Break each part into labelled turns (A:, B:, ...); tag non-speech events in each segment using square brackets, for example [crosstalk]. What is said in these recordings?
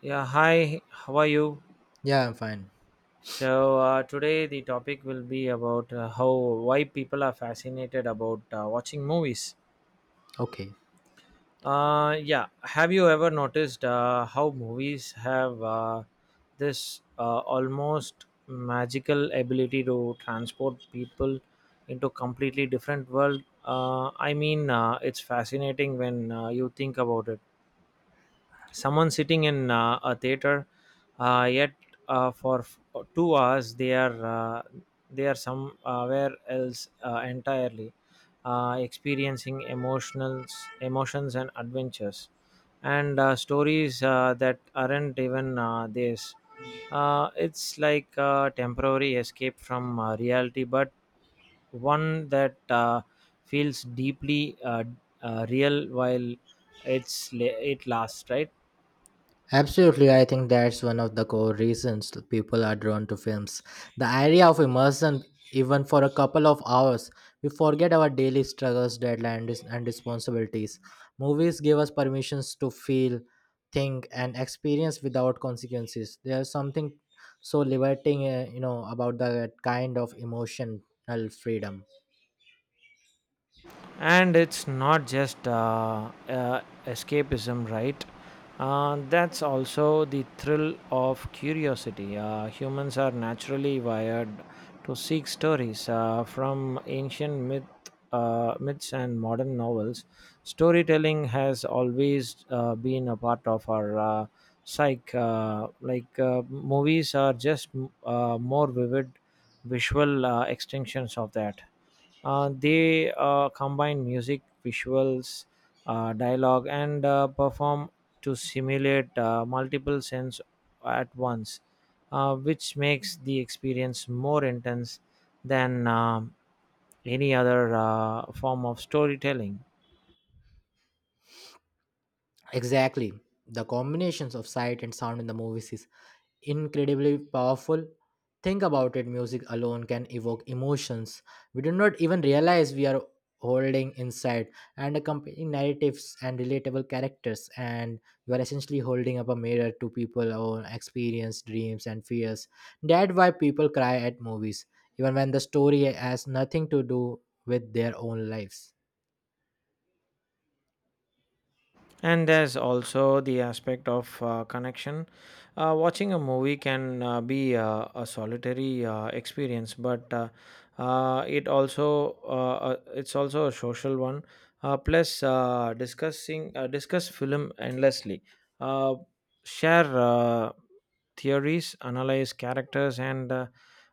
A: Yeah, hi, how are you?
B: Yeah, I'm fine.
A: So today the topic will be about how why people are fascinated about watching movies.
B: Okay.
A: Yeah, have you ever noticed how movies have this almost magical ability to transport people into completely different world? I mean, it's fascinating when you think about it, someone sitting in a theater, yet uh, for f- 2 hours they are they are somewhere else entirely, experiencing emotionals emotions and adventures and stories that aren't even theirs. It's like a temporary escape from reality, but one that feels deeply real while it lasts, right?
B: Absolutely, I think that's one of the core reasons people are drawn to films. The idea of immersion, even for a couple of hours, we forget our daily struggles, deadlines, and responsibilities. Movies give us permissions to feel, think, and experience without consequences. There's something so liberating, about that kind of emotional freedom.
A: And it's not just escapism, right? That's also the thrill of curiosity. Humans are naturally wired to seek stories, from ancient myths and modern novels. Storytelling has always been a part of our psyche. Like, movies are just more vivid visual extensions of that. They combine music, visuals, dialogue, and perform to simulate multiple sense at once, which makes the experience more intense than any other form of storytelling.
B: Exactly. The combinations of sight and sound in the movies is incredibly powerful. Think about it, music alone can evoke emotions we do not even realize we are holding inside, and accompanying narratives and relatable characters. And you are essentially holding up a mirror to people's own experience, dreams, and fears. That's why people cry at movies, even when the story has nothing to do with their own lives.
A: And there's also the aspect of connection. Watching a movie can be a solitary experience, but it also it's also a social one. Plus, discuss film endlessly, uh, share theories, analyze characters, and uh,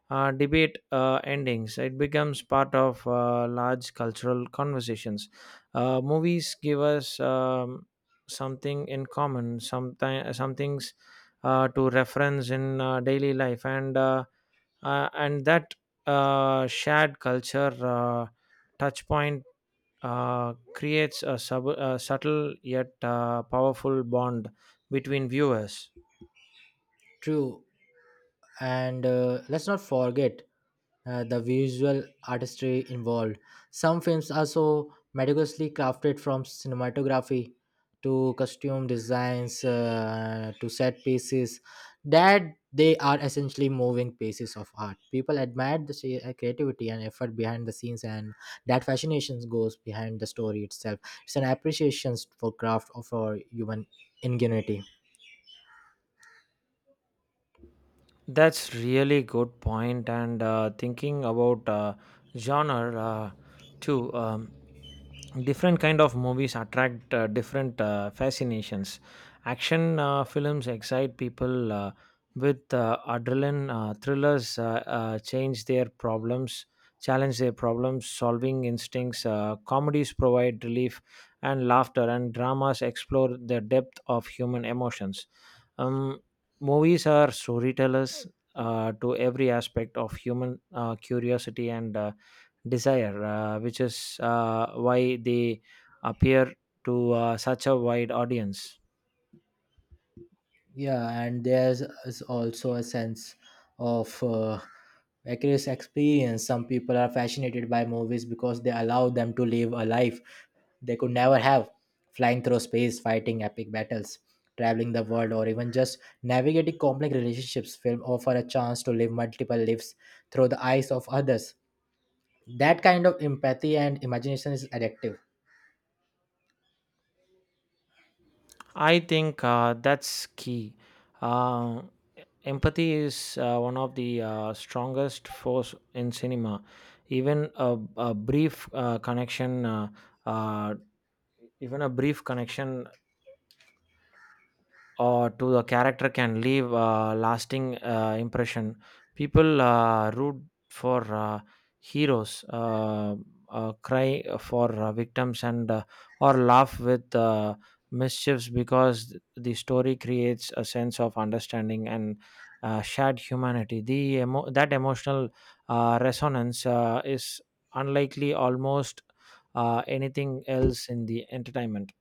A: uh, debate endings. It becomes part of large cultural conversations. Movies give us something in common, sometime some things to reference in daily life, and that shared culture touch point creates a subtle yet powerful bond between viewers.
B: True. And let's not forget the visual artistry involved. Some films are so meticulously crafted from cinematography to costume designs to set pieces that they are essentially moving pieces of art. People admire the creativity and effort behind the scenes, and that fascination goes behind the story itself. It's an appreciation for craft or for human ingenuity.
A: That's really good point, and thinking about genre too. Different kind of movies attract different fascinations. Action films excite people with adrenaline. Thrillers challenge their problems solving instincts. Comedies provide relief and laughter, and dramas explore the depth of human emotions. um, movies are storytellers to every aspect of human curiosity and desire, which is why they appear to such a wide audience.
B: Yeah, and there's is also a sense of vicarious experience. Some people are fascinated by movies because they allow them to live a life they could never have, flying through space, fighting epic battles, traveling the world, or even just navigating complex relationships. Film offer a chance to live multiple lives through the eyes of others. That kind of empathy and imagination is addictive.
A: I think that's key. Uh, empathy is one of the strongest force in cinema. Even a, a brief uh, connection uh, uh, Even a brief connection to the character can leave a lasting impression. People root for heroes, cry for victims, and or laugh with mischiefs, because the story creates a sense of understanding and shared humanity. That emotional resonance is unlikely almost anything else in the entertainment.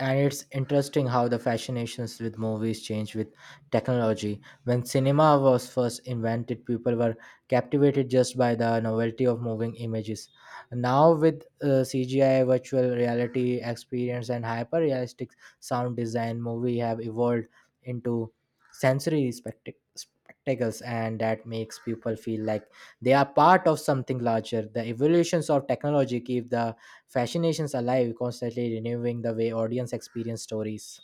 B: And it's interesting how the fascinations with movies change with technology. When cinema was first invented, people were captivated just by the novelty of moving images. Now, with CGI, virtual reality experience, and hyper realistic sound design, movie have evolved into sensory spectacles, and that makes people feel like they are part of something larger. The evolutions of technology keep the fascinations alive, constantly renewing the way audience experience stories.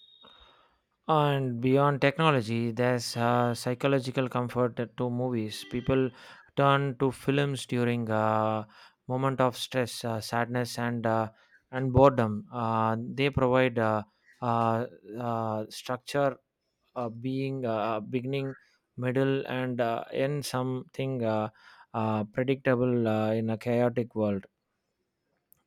A: And beyond technology, there's psychological comfort to movies. People turn to films during a moment of stress, sadness, and and boredom. They provide uh, structure, being beginning, middle, and end, something predictable in a chaotic world.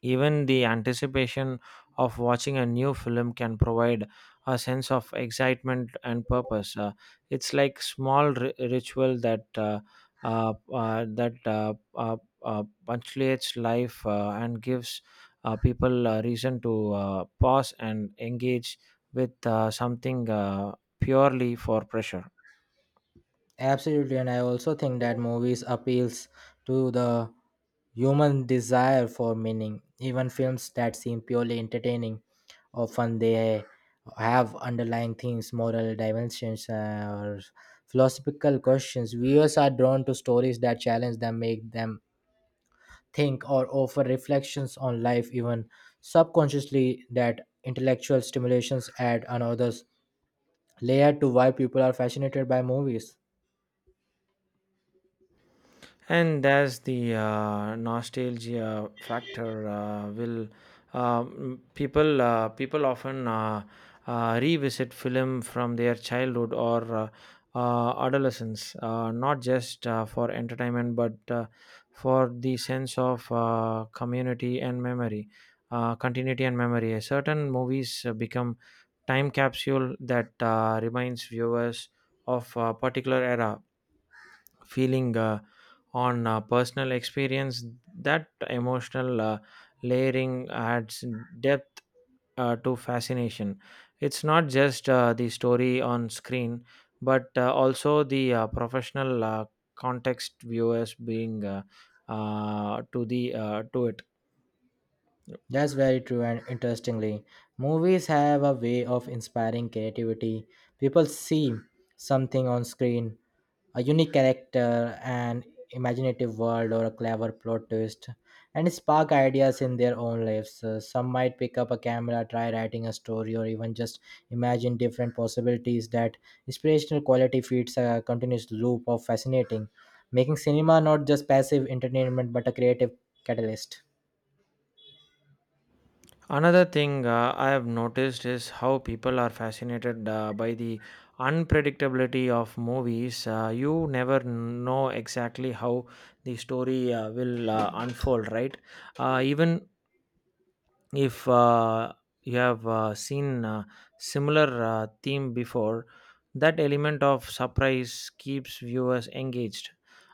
A: Even the anticipation of watching a new film can provide a sense of excitement and purpose. It's like small ritual that uh, uh, that uh, uh, punctuates life and gives people a reason to pause and engage with something purely for pressure.
B: Absolutely, and I also think that movies appeals to the human desire for meaning. Even films that seem purely entertaining, often they have underlying themes, moral dimensions, or philosophical questions. Viewers are drawn to stories that challenge them, make them think, or offer reflections on life, even subconsciously. That intellectual stimulations add another layer to why people are fascinated by movies.
A: And there's the nostalgia factor. Will, people often revisit film from their childhood or adolescence, not just for entertainment but for the sense of community and memory continuity and memory. Certain movies become time capsule that reminds viewers of a particular era, feeling, on personal experience. That emotional layering adds depth to fascination. It's not just the story on screen, but also the professional context viewers being to the to it.
B: That's very true, and interestingly, movies have a way of inspiring creativity. People see something on screen, a unique character, an imaginative world, or a clever plot twist, and spark ideas in their own lives. Some might pick up a camera, try writing a story, or even just imagine different possibilities. That inspirational quality feeds a continuous loop of fascinating, making cinema not just passive entertainment but a creative catalyst.
A: Another thing I have noticed is how people are fascinated by the unpredictability of movies. You never know exactly how the story will unfold, right? Even if you have seen similar theme before, that element of surprise keeps viewers engaged.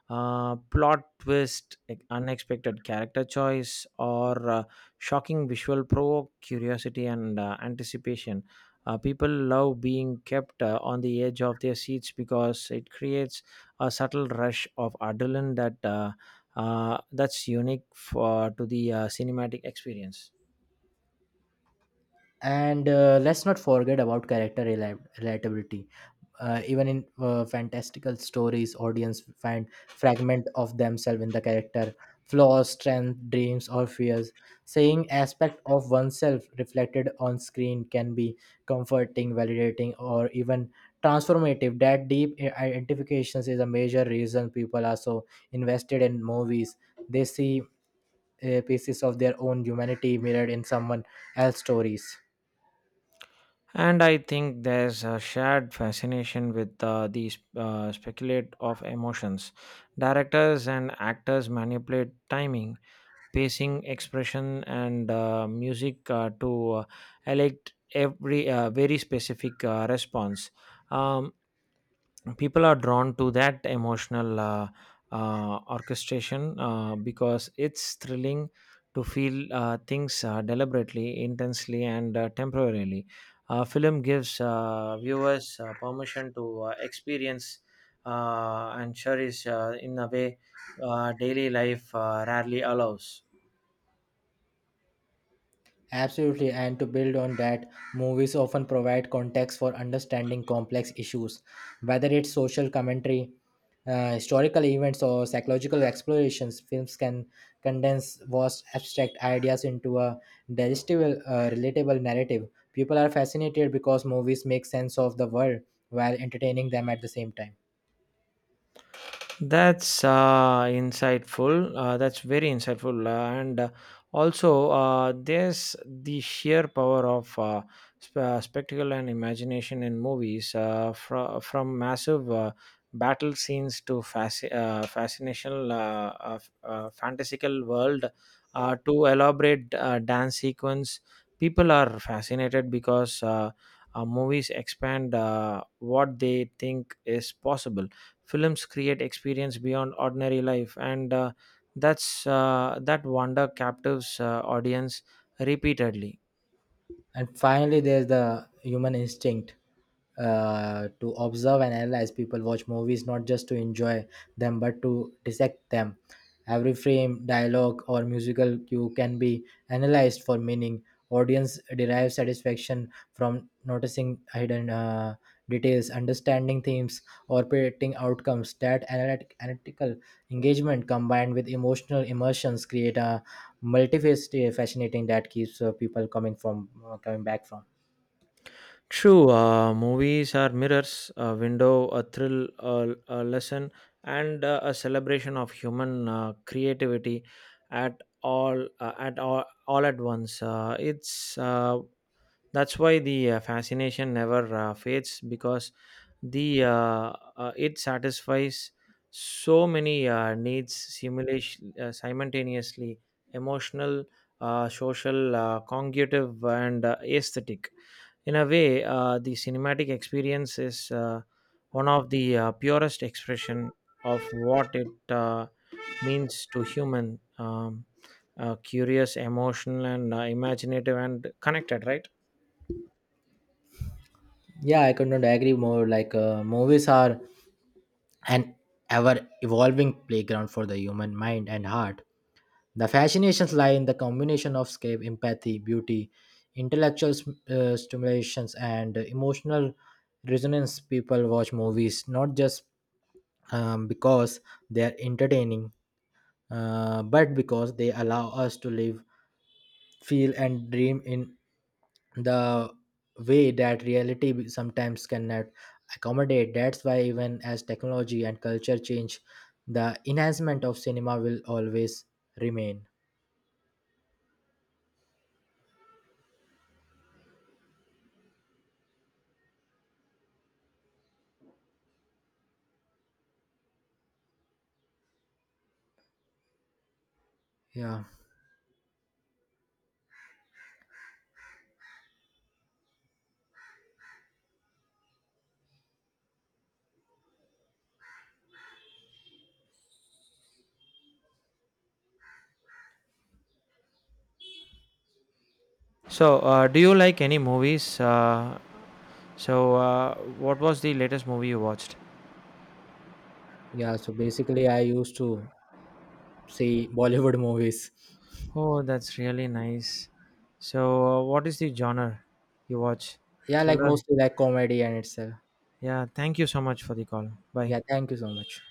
A: Plot twist like unexpected character choice or shocking visual provoke curiosity and anticipation. People love being kept on the edge of their seats because it creates a subtle rush of adrenaline that that's unique for to the cinematic experience.
B: And let's not forget about character relatability, even in fantastical stories, audience find fragment of themselves in the character, flaws, strength, dreams, or fears. Seeing aspect of oneself reflected on screen can be comforting, validating, or even transformative. That deep identifications is a major reason people are so invested in movies. They see pieces of their own humanity mirrored in someone else's stories.
A: And I think there's a shared fascination with these speculate of emotions. Directors and actors manipulate timing, pacing, expression, and music to elect every very specific response. Um, people are drawn to that emotional orchestration because it's thrilling to feel things deliberately, intensely, and temporarily. Film gives viewers permission to experience and cherish in a way daily life rarely allows.
B: Absolutely, and to build on that, movies often provide context for understanding complex issues, whether it's social commentary, historical events, or psychological explorations. Films can condense vast abstract ideas into a digestible, relatable narrative. People are fascinated because movies make sense of the world while entertaining them at the same time.
A: That's insightful. That's very insightful. And also, there's the sheer power of spectacle and imagination in movies, from massive battle scenes to fantastical world to elaborate dance sequence. People are fascinated because movies expand what they think is possible. Films create experience beyond ordinary life, and that's that wonder captives audience repeatedly.
B: And finally, there's the human instinct to observe and analyze. People watch movies not just to enjoy them but to dissect them. Every frame, dialogue, or musical cue can be analyzed for meaning. Audience derives satisfaction from noticing hidden details, understanding themes, or predicting outcomes. That analytical engagement combined with emotional immersions create a multifaceted, fascinating that keeps people coming from coming back from.
A: True, movies are mirrors, a window, a thrill, a lesson, and a celebration of human creativity all at once. It's That's why the fascination never fades, because the it satisfies so many needs simulation simultaneously, emotional, social, cognitive, and aesthetic. In a way, the cinematic experience is one of the purest expression of what it means to human, curious, emotional, and imaginative and connected, right?
B: Yeah, I could not agree more. Like, movies are an ever evolving playground for the human mind and heart. The fascinations lie in the combination of scape, empathy, beauty, intellectual stimulations, and emotional resonance. People watch movies not just because they are entertaining, but because they allow us to live, feel, and dream in the way that reality sometimes cannot accommodate. That's why, even as technology and culture change, the enhancement of cinema will always remain. Yeah,
A: So, do you like any movies? So, what was the latest movie you watched?
B: yeah. So basically, I used to see [laughs] Bollywood movies.
A: Oh, that's really nice. So, what is the genre you watch?
B: Yeah, like
A: Thriller?
B: mostly like comedy and itself.
A: Yeah, thank you so much for the call. Bye.
B: Yeah, thank you so much.